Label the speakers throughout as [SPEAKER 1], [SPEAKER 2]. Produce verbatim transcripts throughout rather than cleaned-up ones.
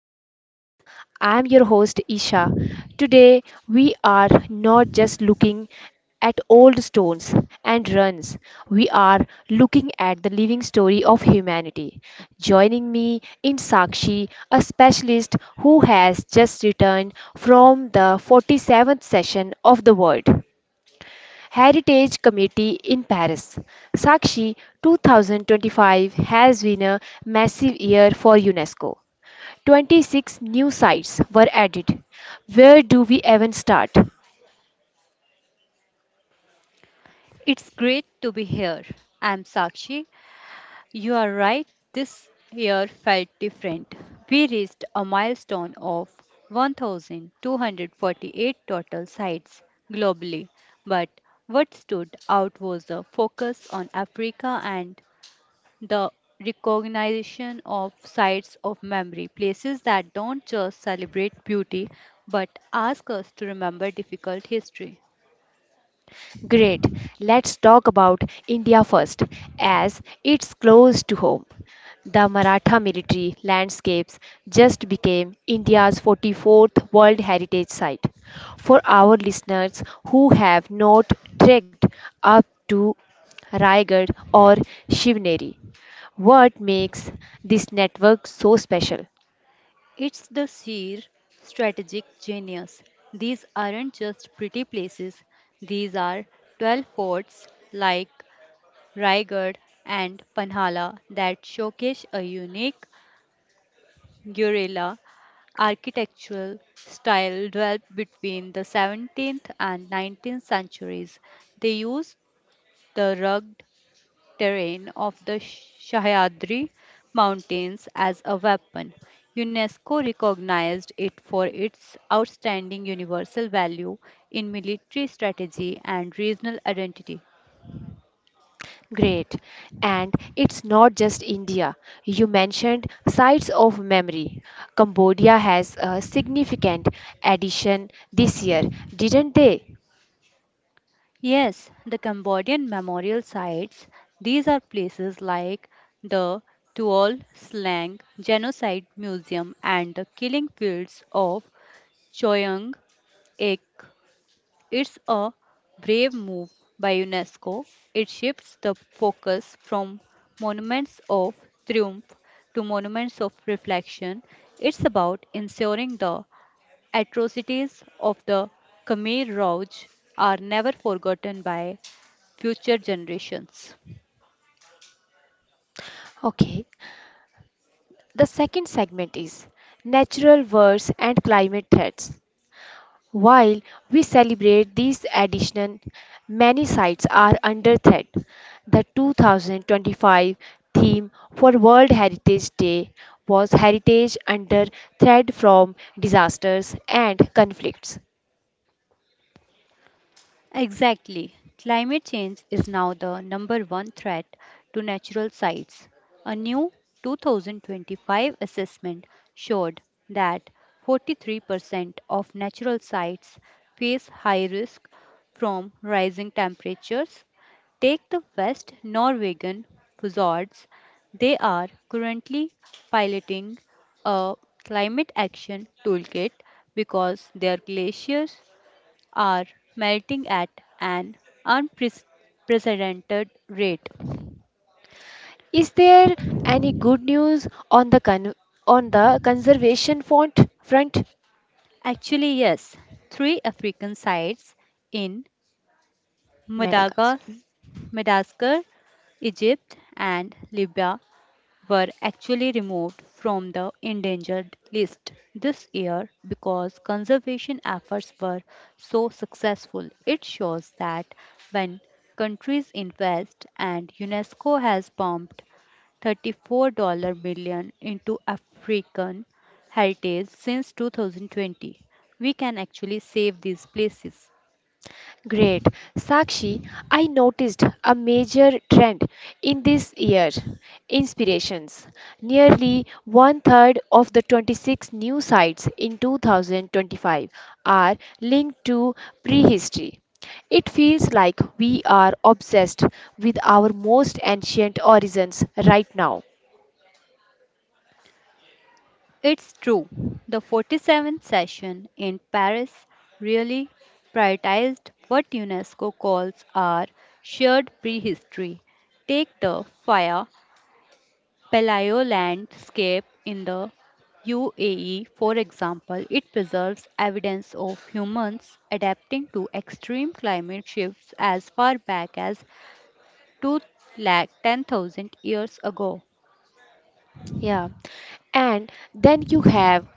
[SPEAKER 1] Horizons. I'm your host, Isha. Today, we are not just looking at old stones and runs, we are looking at the living story of humanity. Joining me in Sakshi, a specialist who has just returned from the forty-seventh session of the Word. Heritage Committee in Paris. Sakshi twenty twenty-five has been a massive year for UNESCO. twenty-six new sites were added. Where do we even start?
[SPEAKER 2] It's great to be here. I'm Sakshi. You are right, this year felt different. We reached a milestone of one thousand two hundred forty-eight total sites globally, but what stood out was the focus on Africa and the recognition of sites of memory, places that don't just celebrate beauty but ask us to remember difficult history.
[SPEAKER 1] Great. Let's talk about India first, as it's close to home. The Maratha military landscapes just became India's forty-fourth World Heritage Site. For our listeners who have not trekked up to Raigad or Shivneri, what makes this network so special?
[SPEAKER 2] It's the sheer strategic genius. These aren't just pretty places, these are twelve forts like Raigad and Panhala that showcase a unique guerrilla architectural style developed between the seventeenth and nineteenth centuries. They used the rugged terrain of the Sahyadri Mountains as a weapon. UNESCO recognized it for its outstanding universal value in military strategy and regional identity.
[SPEAKER 1] Great. And it's not just India. You mentioned sites of memory. Cambodia has a significant addition this year, didn't they?
[SPEAKER 2] Yes, the Cambodian memorial sites, these are places like the Tuol Slang Genocide Museum and the killing fields of Choyang Ik. It's a brave move by UNESCO. It shifts the focus from monuments of triumph to monuments of reflection. It's about ensuring the atrocities of the Khmer Rouge are never forgotten by future generations.
[SPEAKER 1] Okay. The second segment is natural wars and climate threats. While we celebrate these additions, many sites are under threat. The two thousand twenty-five theme for World Heritage Day was Heritage Under Threat from Disasters and Conflicts.
[SPEAKER 2] Exactly. Climate change is now the number one threat to natural sites. A new two thousand twenty-five assessment showed that forty-three percent of natural sites face high risk from rising temperatures. Take the West Norwegian fjords. They are currently piloting a climate action toolkit because their glaciers are melting at an unprecedented rate.
[SPEAKER 1] Is there any good news on the con- on the conservation front, front
[SPEAKER 2] Actually, yes, three African sites in
[SPEAKER 1] Madagascar?
[SPEAKER 2] Madagas- Madagascar, Egypt, and Libya were actually removed from the endangered list this year because conservation efforts were so successful. It shows that when countries invest and UNESCO has pumped thirty-four million dollars into African heritage since two thousand twenty we can actually save these places.
[SPEAKER 1] Great. Sakshi, I noticed a major trend in this year inspirations. Nearly one third of the twenty-six new sites in two thousand twenty-five are linked to prehistory. It feels like we are obsessed with our most ancient origins right now.
[SPEAKER 2] It's true, the forty-seventh session in Paris really prioritized what UNESCO calls our shared prehistory. Take the fire Paleo landscape in the U A E, for example, it preserves evidence of humans adapting to extreme climate shifts as far back as two hundred ten thousand years ago.
[SPEAKER 1] Yeah. And then you have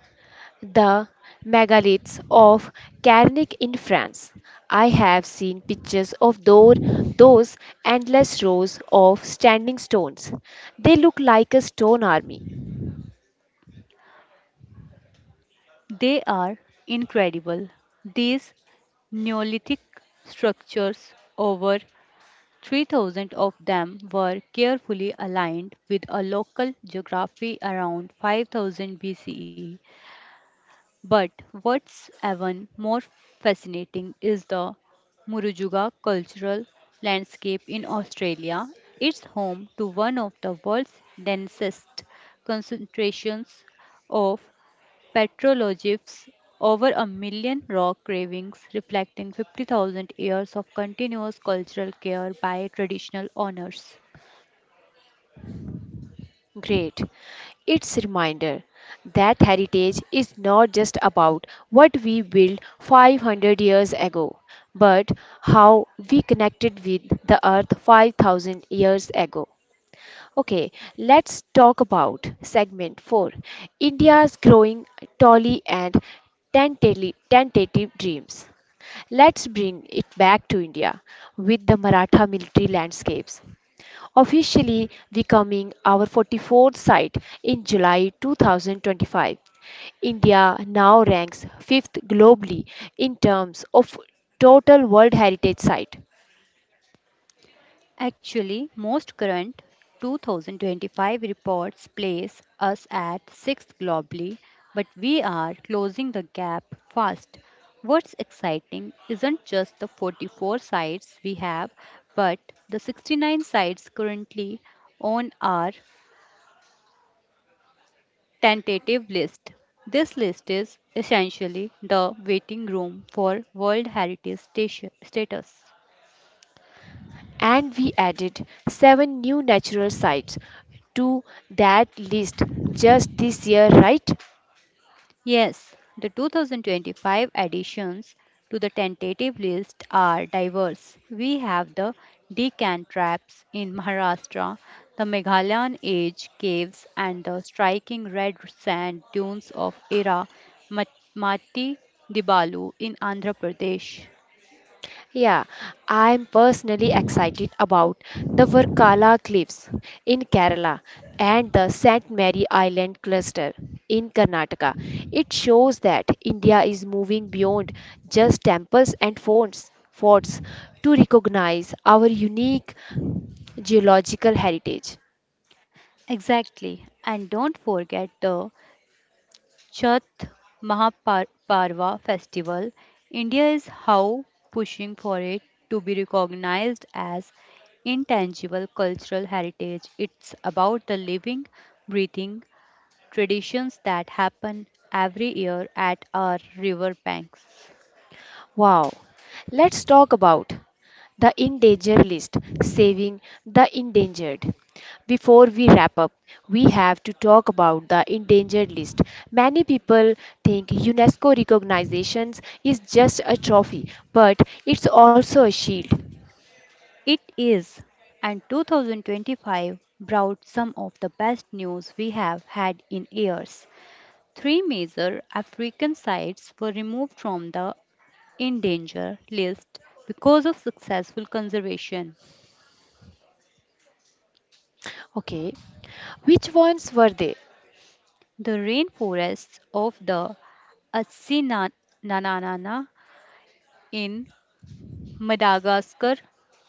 [SPEAKER 1] the megaliths of Carnac in France. I have seen pictures of those, those endless rows of standing stones. They look like a stone army.
[SPEAKER 2] They are incredible. These Neolithic structures, over three thousand of them, were carefully aligned with a local geography around five thousand B C E. But what's even more fascinating is the Murujuga cultural landscape in Australia. It's home to one of the world's densest concentrations of petroglyphs, over a million rock carvings reflecting fifty thousand years of continuous cultural care by traditional owners.
[SPEAKER 1] Great. It's a reminder that heritage is not just about what we built five hundred years ago, but how we connected with the earth five thousand years ago. Okay, let's talk about segment four India's growing tally and tentative, tentative dreams. Let's bring it back to India with the Maratha military landscapes. Officially becoming our forty-fourth site in July two thousand twenty-five, India now ranks fifth globally in terms of total World Heritage Site.
[SPEAKER 2] Actually, most current two thousand twenty-five reports place us at sixth globally, but we are closing the gap fast. What's exciting isn't just the forty-four sites we have, but the sixty-nine sites currently on our tentative list. This list is essentially the waiting room for World Heritage stati- status.
[SPEAKER 1] And we added seven new natural sites to that list just this year, right?
[SPEAKER 2] Yes, the two thousand twenty-five additions to the tentative list are diverse. We have the Deccan traps in Maharashtra, the Meghalayan age caves, and the striking red sand dunes of Ira Mat- Mati Dibalu in Andhra Pradesh.
[SPEAKER 1] Yeah, I'm personally excited about the Varkala Cliffs in Kerala and the Saint Mary Island cluster in Karnataka. It shows that India is moving beyond just temples and forts, forts to recognize our unique geological heritage.
[SPEAKER 2] Exactly, and don't forget the Chath Mahaparva festival, India is how pushing for it to be recognized as intangible cultural heritage. It's about the living, breathing traditions that happen every year at our river banks.
[SPEAKER 1] Wow, let's talk about the in danger list, saving the endangered. Before we wrap up, we have to talk about the endangered list. Many people think UNESCO recognitions is just a trophy, but it's also a shield.
[SPEAKER 2] It is, and twenty twenty-five brought some of the best news we have had in years. Three major African sites were removed from the in danger list because of successful conservation.
[SPEAKER 1] Okay, which ones were they?
[SPEAKER 2] The rainforests of the Asinanana in Madagascar,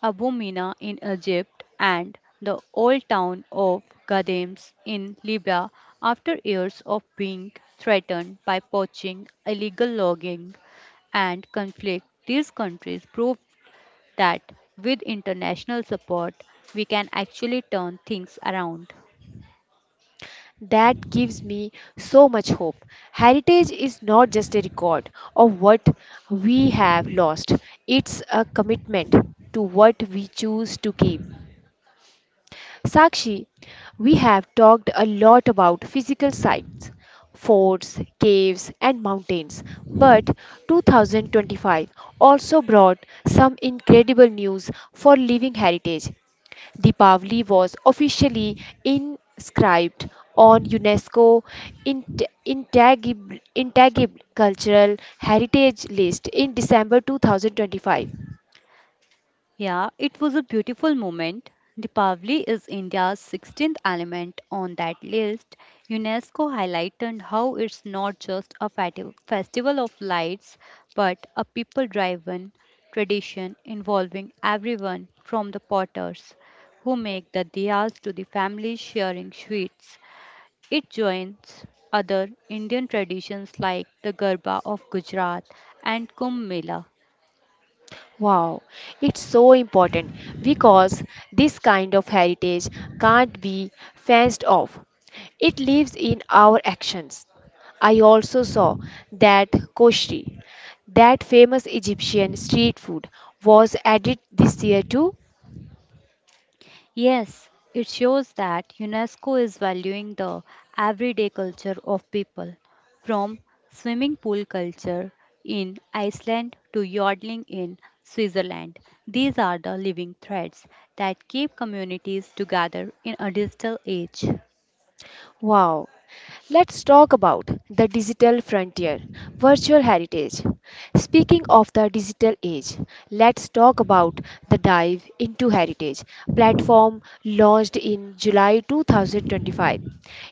[SPEAKER 2] Abomina in Egypt, and the old town of Gadems in Libya, after years of being threatened by poaching, illegal logging, and conflict, these countries proved that with international support, we can actually turn things around.
[SPEAKER 1] That gives me so much hope. Heritage is not just a record of what we have lost, it's a commitment to what we choose to keep. Sakshi, we have talked a lot about physical sites, forts, caves, and mountains, but two thousand twenty-five also brought some incredible news for living heritage. Deepavali was officially inscribed on UNESCO Int- Intangible, Intangible Cultural Heritage List in December twenty twenty-five.
[SPEAKER 2] Yeah, it was a beautiful moment. Deepavali is India's sixteenth element on that list. UNESCO highlighted how it's not just a fati- festival of lights, but a people driven tradition involving everyone from the potters who make the diyas to the families sharing sweets. It joins other Indian traditions like the Garba of Gujarat and Kumbh Mela.
[SPEAKER 1] Wow, it's so important because this kind of heritage can't be fenced off. It lives in our actions. I also saw that koshri, that famous Egyptian street food, was added this year too.
[SPEAKER 2] Yes, it shows that UNESCO is valuing the everyday culture of people, from swimming pool culture in Iceland to yodeling in Switzerland. These are the living threads that keep communities together in a digital age.
[SPEAKER 1] Wow. Let's talk about the digital frontier, virtual heritage. Speaking of the digital age, let's talk about the dive into heritage platform launched in July two thousand twenty-five.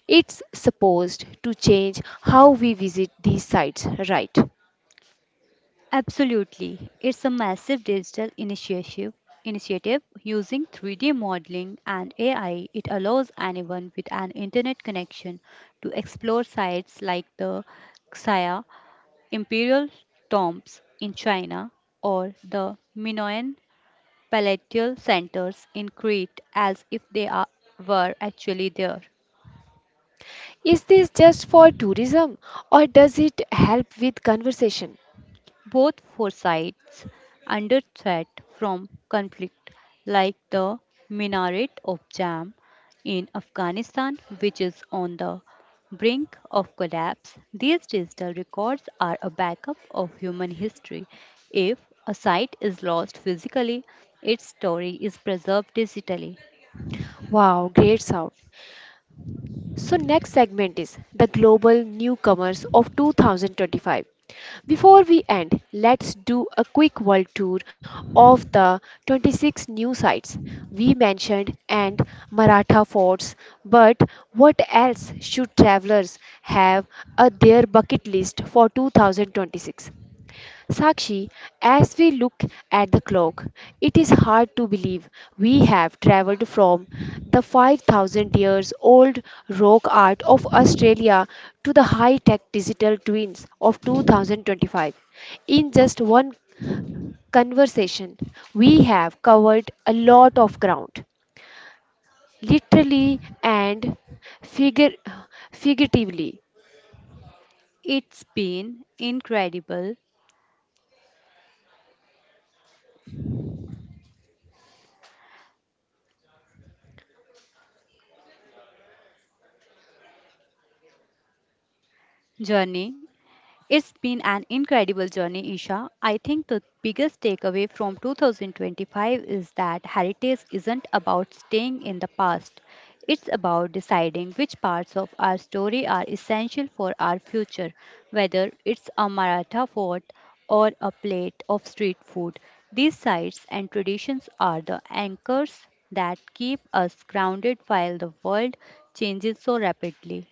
[SPEAKER 1] It's supposed to change how we visit these sites, right?
[SPEAKER 2] Absolutely. It's a massive digital initiative initiative using three D modeling and A I. It allows anyone with an internet connection to explore sites like the Xia Imperial Tombs in China or the Minoan Palatial Centers in Crete as if they are, were actually there.
[SPEAKER 1] Is this just for tourism or does it help with conversation?
[SPEAKER 2] Both foresights under threat from conflict, like the minaret of Jam in Afghanistan, which is on the brink of collapse. These digital records are a backup of human history. If a site is lost physically, its story is preserved digitally.
[SPEAKER 1] Wow, great sound. So, next segment is the global newcomers of twenty twenty-five. Before we end, let's do a quick world tour of the twenty-six new sites we mentioned and Maratha forts. But what else should travelers have on their bucket list for two thousand twenty-six? Sakshi, as we look at the clock, it is hard to believe we have traveled from the five thousand years old rock art of Australia to the high tech digital twins of two thousand twenty-five. In just one conversation, we have covered a lot of ground, literally and figure, figuratively.
[SPEAKER 2] It's been incredible journey It's been an incredible journey, Isha. I think the biggest takeaway from twenty twenty-five is that heritage isn't about staying in the past. It's about deciding which parts of our story are essential for our future, whether it's a Maratha fort or a plate of street food. These sites and traditions are the anchors that keep us grounded while the world changes so rapidly.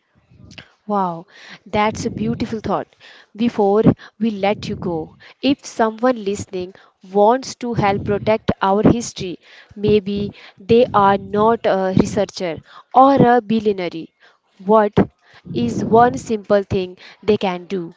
[SPEAKER 1] Wow, that's a beautiful thought. Before we let you go, if someone listening wants to help protect our history, maybe they are not a researcher or a billionaire. What is one simple thing they can do?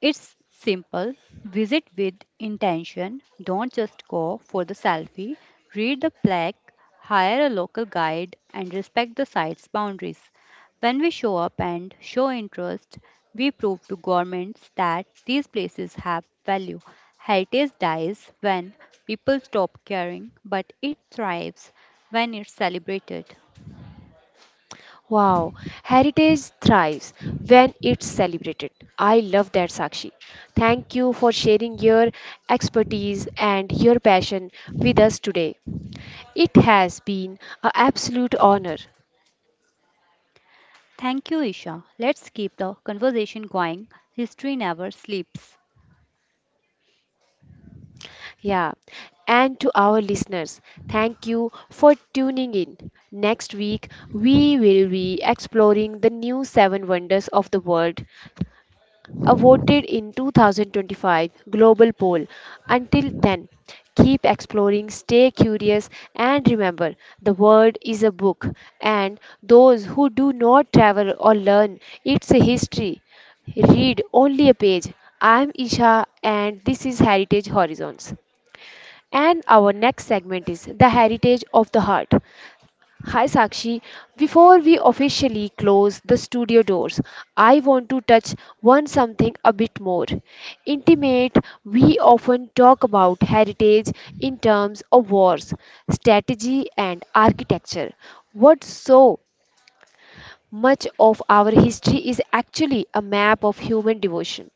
[SPEAKER 2] It's simple. Visit with intention. Don't just go for the selfie. Read the plaque, hire a local guide, and respect the site's boundaries. When we show up and show interest, we prove to governments that these places have value. Heritage dies when people stop caring, but it thrives when it's celebrated.
[SPEAKER 1] Wow, heritage thrives when it's celebrated. I love that, Sakshi. Thank you for sharing your expertise and your passion with us today. It has been an absolute honor.
[SPEAKER 2] Thank you, Isha. Let's keep the conversation going. History never sleeps.
[SPEAKER 1] Yeah. And to our listeners, thank you for tuning in. Next week, we will be exploring the new seven wonders of the world uh, voted in twenty twenty-five global poll. Until then, keep exploring, stay curious, and remember the world is a book, and those who do not travel or learn its history read only a page. I'm Isha, and this is Heritage Horizons. And our next segment is the heritage of the heart. Hi Sakshi, before we officially close the studio doors, I want to touch on something a bit more intimate. We often talk about heritage in terms of wars, strategy, and architecture. What so much of our history is actually a map of human devotion?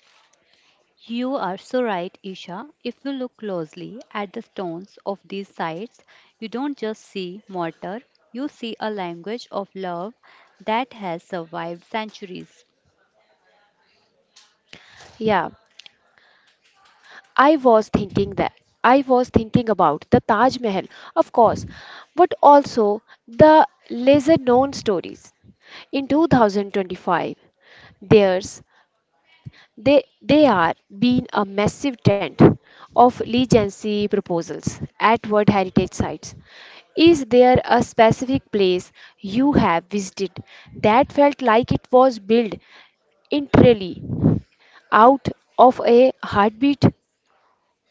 [SPEAKER 2] You are so right, Isha. If you look closely at the stones of these sites, you don't just see mortar, you see a language of love that has survived centuries.
[SPEAKER 1] Yeah. I was thinking that I was thinking about the Taj Mahal, of course, but also the lesser known stories. In two thousand twenty-five, there's they they are being a massive trend of legacy proposals at World Heritage Sites. Is there a specific place you have visited that felt like it was built entirely out of a heartbeat?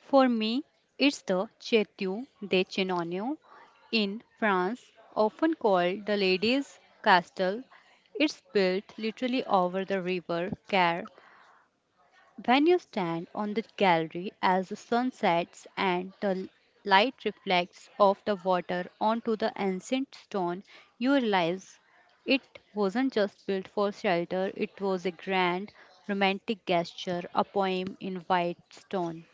[SPEAKER 2] For me, it's the Chateau de Chinon in France, often called the Ladies' Castle. It's built literally over the river Care. When you stand on the gallery as the sun sets and the light reflects off the water onto the ancient stone, you realize it wasn't just built for shelter, it was a grand romantic gesture, a poem in white stone.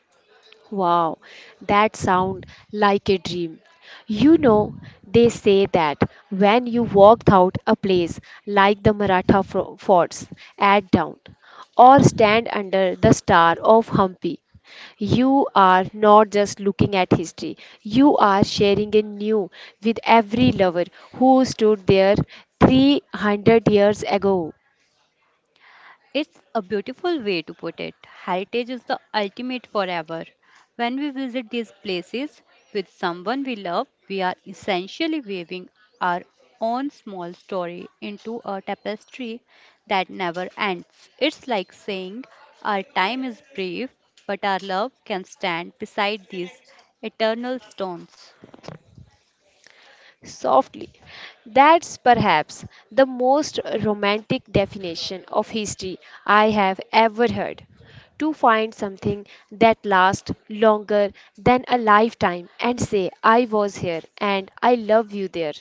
[SPEAKER 1] Wow, that sounds like a dream. You know, they say that when you walked out a place like the Maratha fro- forts at dawn, or stand under the star of Hampi, you are not just looking at history, you are sharing a new with every lover who stood there three hundred years ago.
[SPEAKER 2] It's a beautiful way to put it. Heritage is the ultimate forever. When we visit these places with someone we love, we are essentially weaving our own small story into a tapestry that never ends. It's like saying our time is brief, but our love can stand beside these eternal stones.
[SPEAKER 1] Softly. That's perhaps the most romantic definition of history I have ever heard. To find something that lasts longer than a lifetime and say, I was here and I love you there.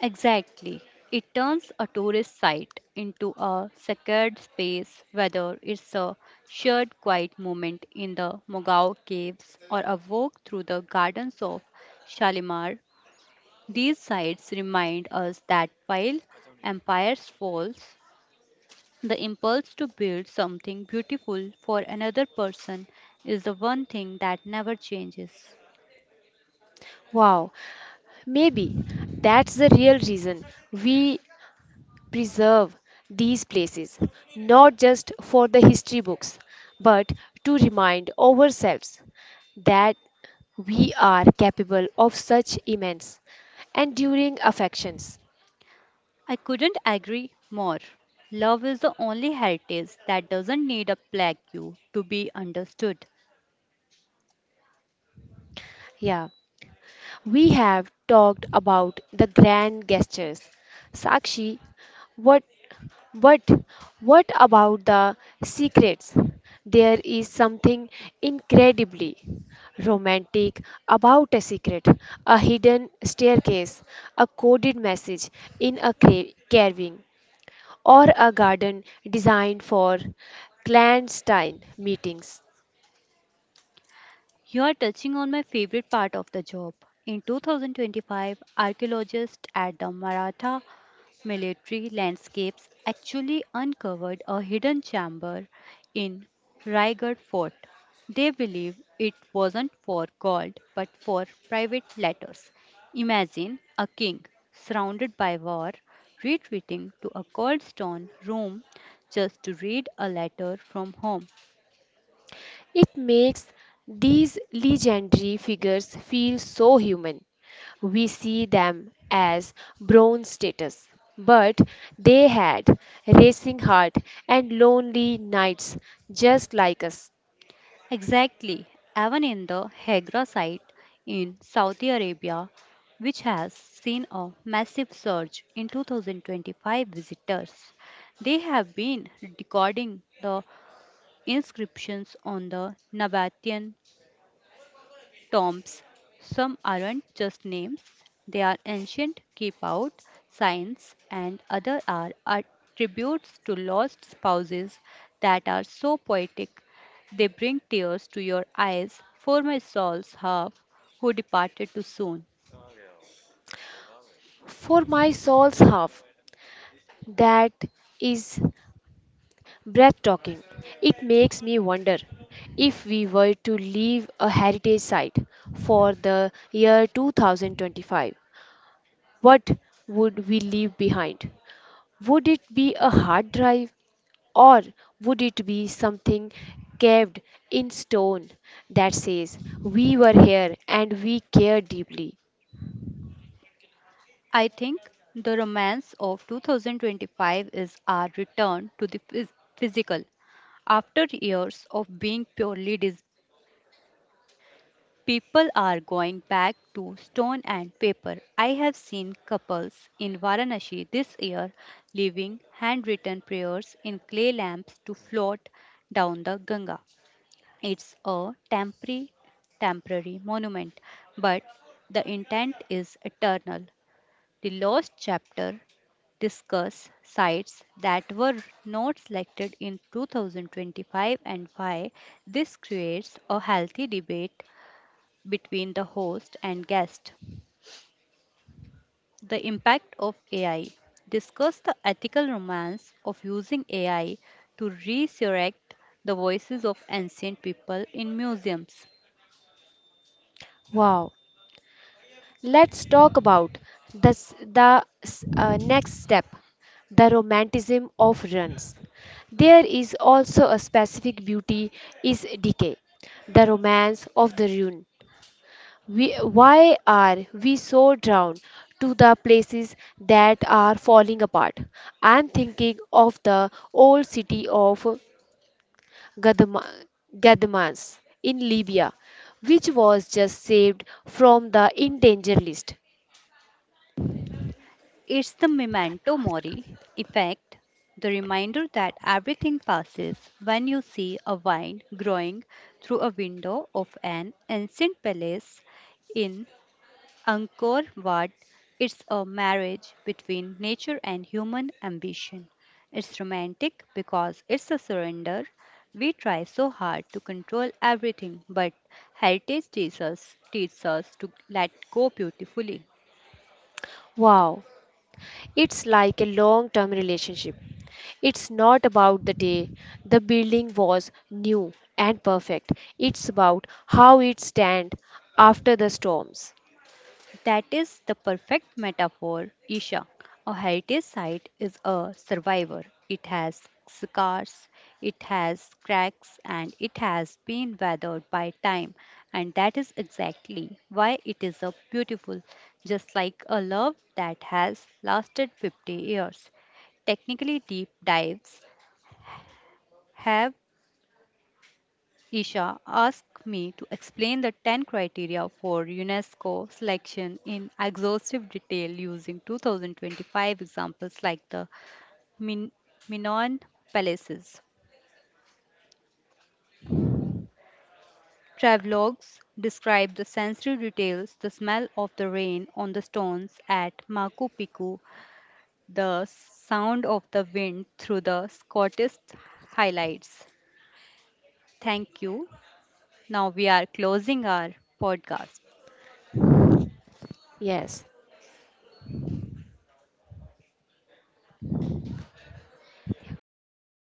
[SPEAKER 2] Exactly. It turns a tourist site into a sacred space, whether it's a shared quiet moment in the Mogao Caves or a walk through the gardens of Shalimar. These sites remind us that while empires falls, the impulse to build something beautiful for another person is the one thing that never changes.
[SPEAKER 1] Wow, maybe that's the real reason we preserve these places, not just for the history books, but to remind ourselves that we are capable of such immense and enduring affections.
[SPEAKER 2] I couldn't agree more. Love is the only heritage that doesn't need a plaque you to be understood.
[SPEAKER 1] Yeah. We have talked about the grand gestures, Sakshi, what, but what about the secrets? There is something incredibly romantic about a secret, a hidden staircase, a coded message in a cra- carving, or a garden designed for clandestine meetings.
[SPEAKER 2] You are touching on my favorite part of the job. In twenty twenty-five, archaeologists at the Maratha military landscapes actually uncovered a hidden chamber in Raigad Fort. They believe it wasn't for gold but for private letters. Imagine a king surrounded by war retreating to a cold stone room just to read a letter from home.
[SPEAKER 1] It makes these legendary figures feel so human. We see them as bronze status, but they had racing heart and lonely nights just like us.
[SPEAKER 2] Exactly. Even in the Hegra site in Saudi Arabia, which has seen a massive surge in two thousand twenty-five visitors, they have been recording the inscriptions on the Nabatean tombs. Some aren't just names, they are ancient keep out signs, and other are attributes to lost spouses that are so poetic they bring tears to your eyes for my soul's half who departed too soon.
[SPEAKER 1] For my soul's half, that is breathtaking. It makes me wonder if we were to leave a heritage site for the year two thousand twenty-five, what would we leave behind? Would it be a hard drive or would it be something carved in stone that says, we were here and we care deeply?
[SPEAKER 2] I think the romance of two thousand twenty-five is our return to the phys- physical. After years of being purely dis- People are going back to stone and paper. I have seen couples in Varanasi this year leaving handwritten prayers in clay lamps to float down the Ganga. It's a temporary, temporary monument, but the intent is eternal. The lost chapter discuss sites that were not selected in two thousand twenty-five and why this creates a healthy debate between the host and guest. The impact of A I. Discuss the ethical romance of using A I to resurrect the voices of ancient people in museums.
[SPEAKER 1] Wow. Let's talk about this, the s- uh, next step the romanticism of runs. There is also a specific beauty is decay, the romance of the ruin. We, why are we so drawn to the places that are falling apart? I'm thinking of the old city of Gadama, Gadamans in Libya, which was just saved from the in danger list.
[SPEAKER 2] It's the memento mori effect, the reminder that everything passes when you see a vine growing through a window of an ancient palace in Angkor Wat, it's a marriage between nature and human ambition. It's romantic because it's a surrender. We try so hard to control everything, but heritage teaches us, teaches us to let go beautifully.
[SPEAKER 1] Wow, it's like a long term relationship. It's not about the day the building was new and perfect. It's about how it stands after the storms.
[SPEAKER 2] That is the perfect metaphor, Isha. A heritage site is a survivor. It has scars, it has cracks, and it has been weathered by time. And that is exactly why it is a beautiful, just like a love that has lasted fifty years. Technically, deep dives have Isha asked me to explain the ten criteria for UNESCO selection in exhaustive detail using two thousand twenty-five examples like the Min- Minoan palaces. Travelogues describe the sensory details, the smell of the rain on the stones at Machu Picchu, the sound of the wind through the Scottish highlights. Thank you. Now we are closing our podcast.
[SPEAKER 1] Yes.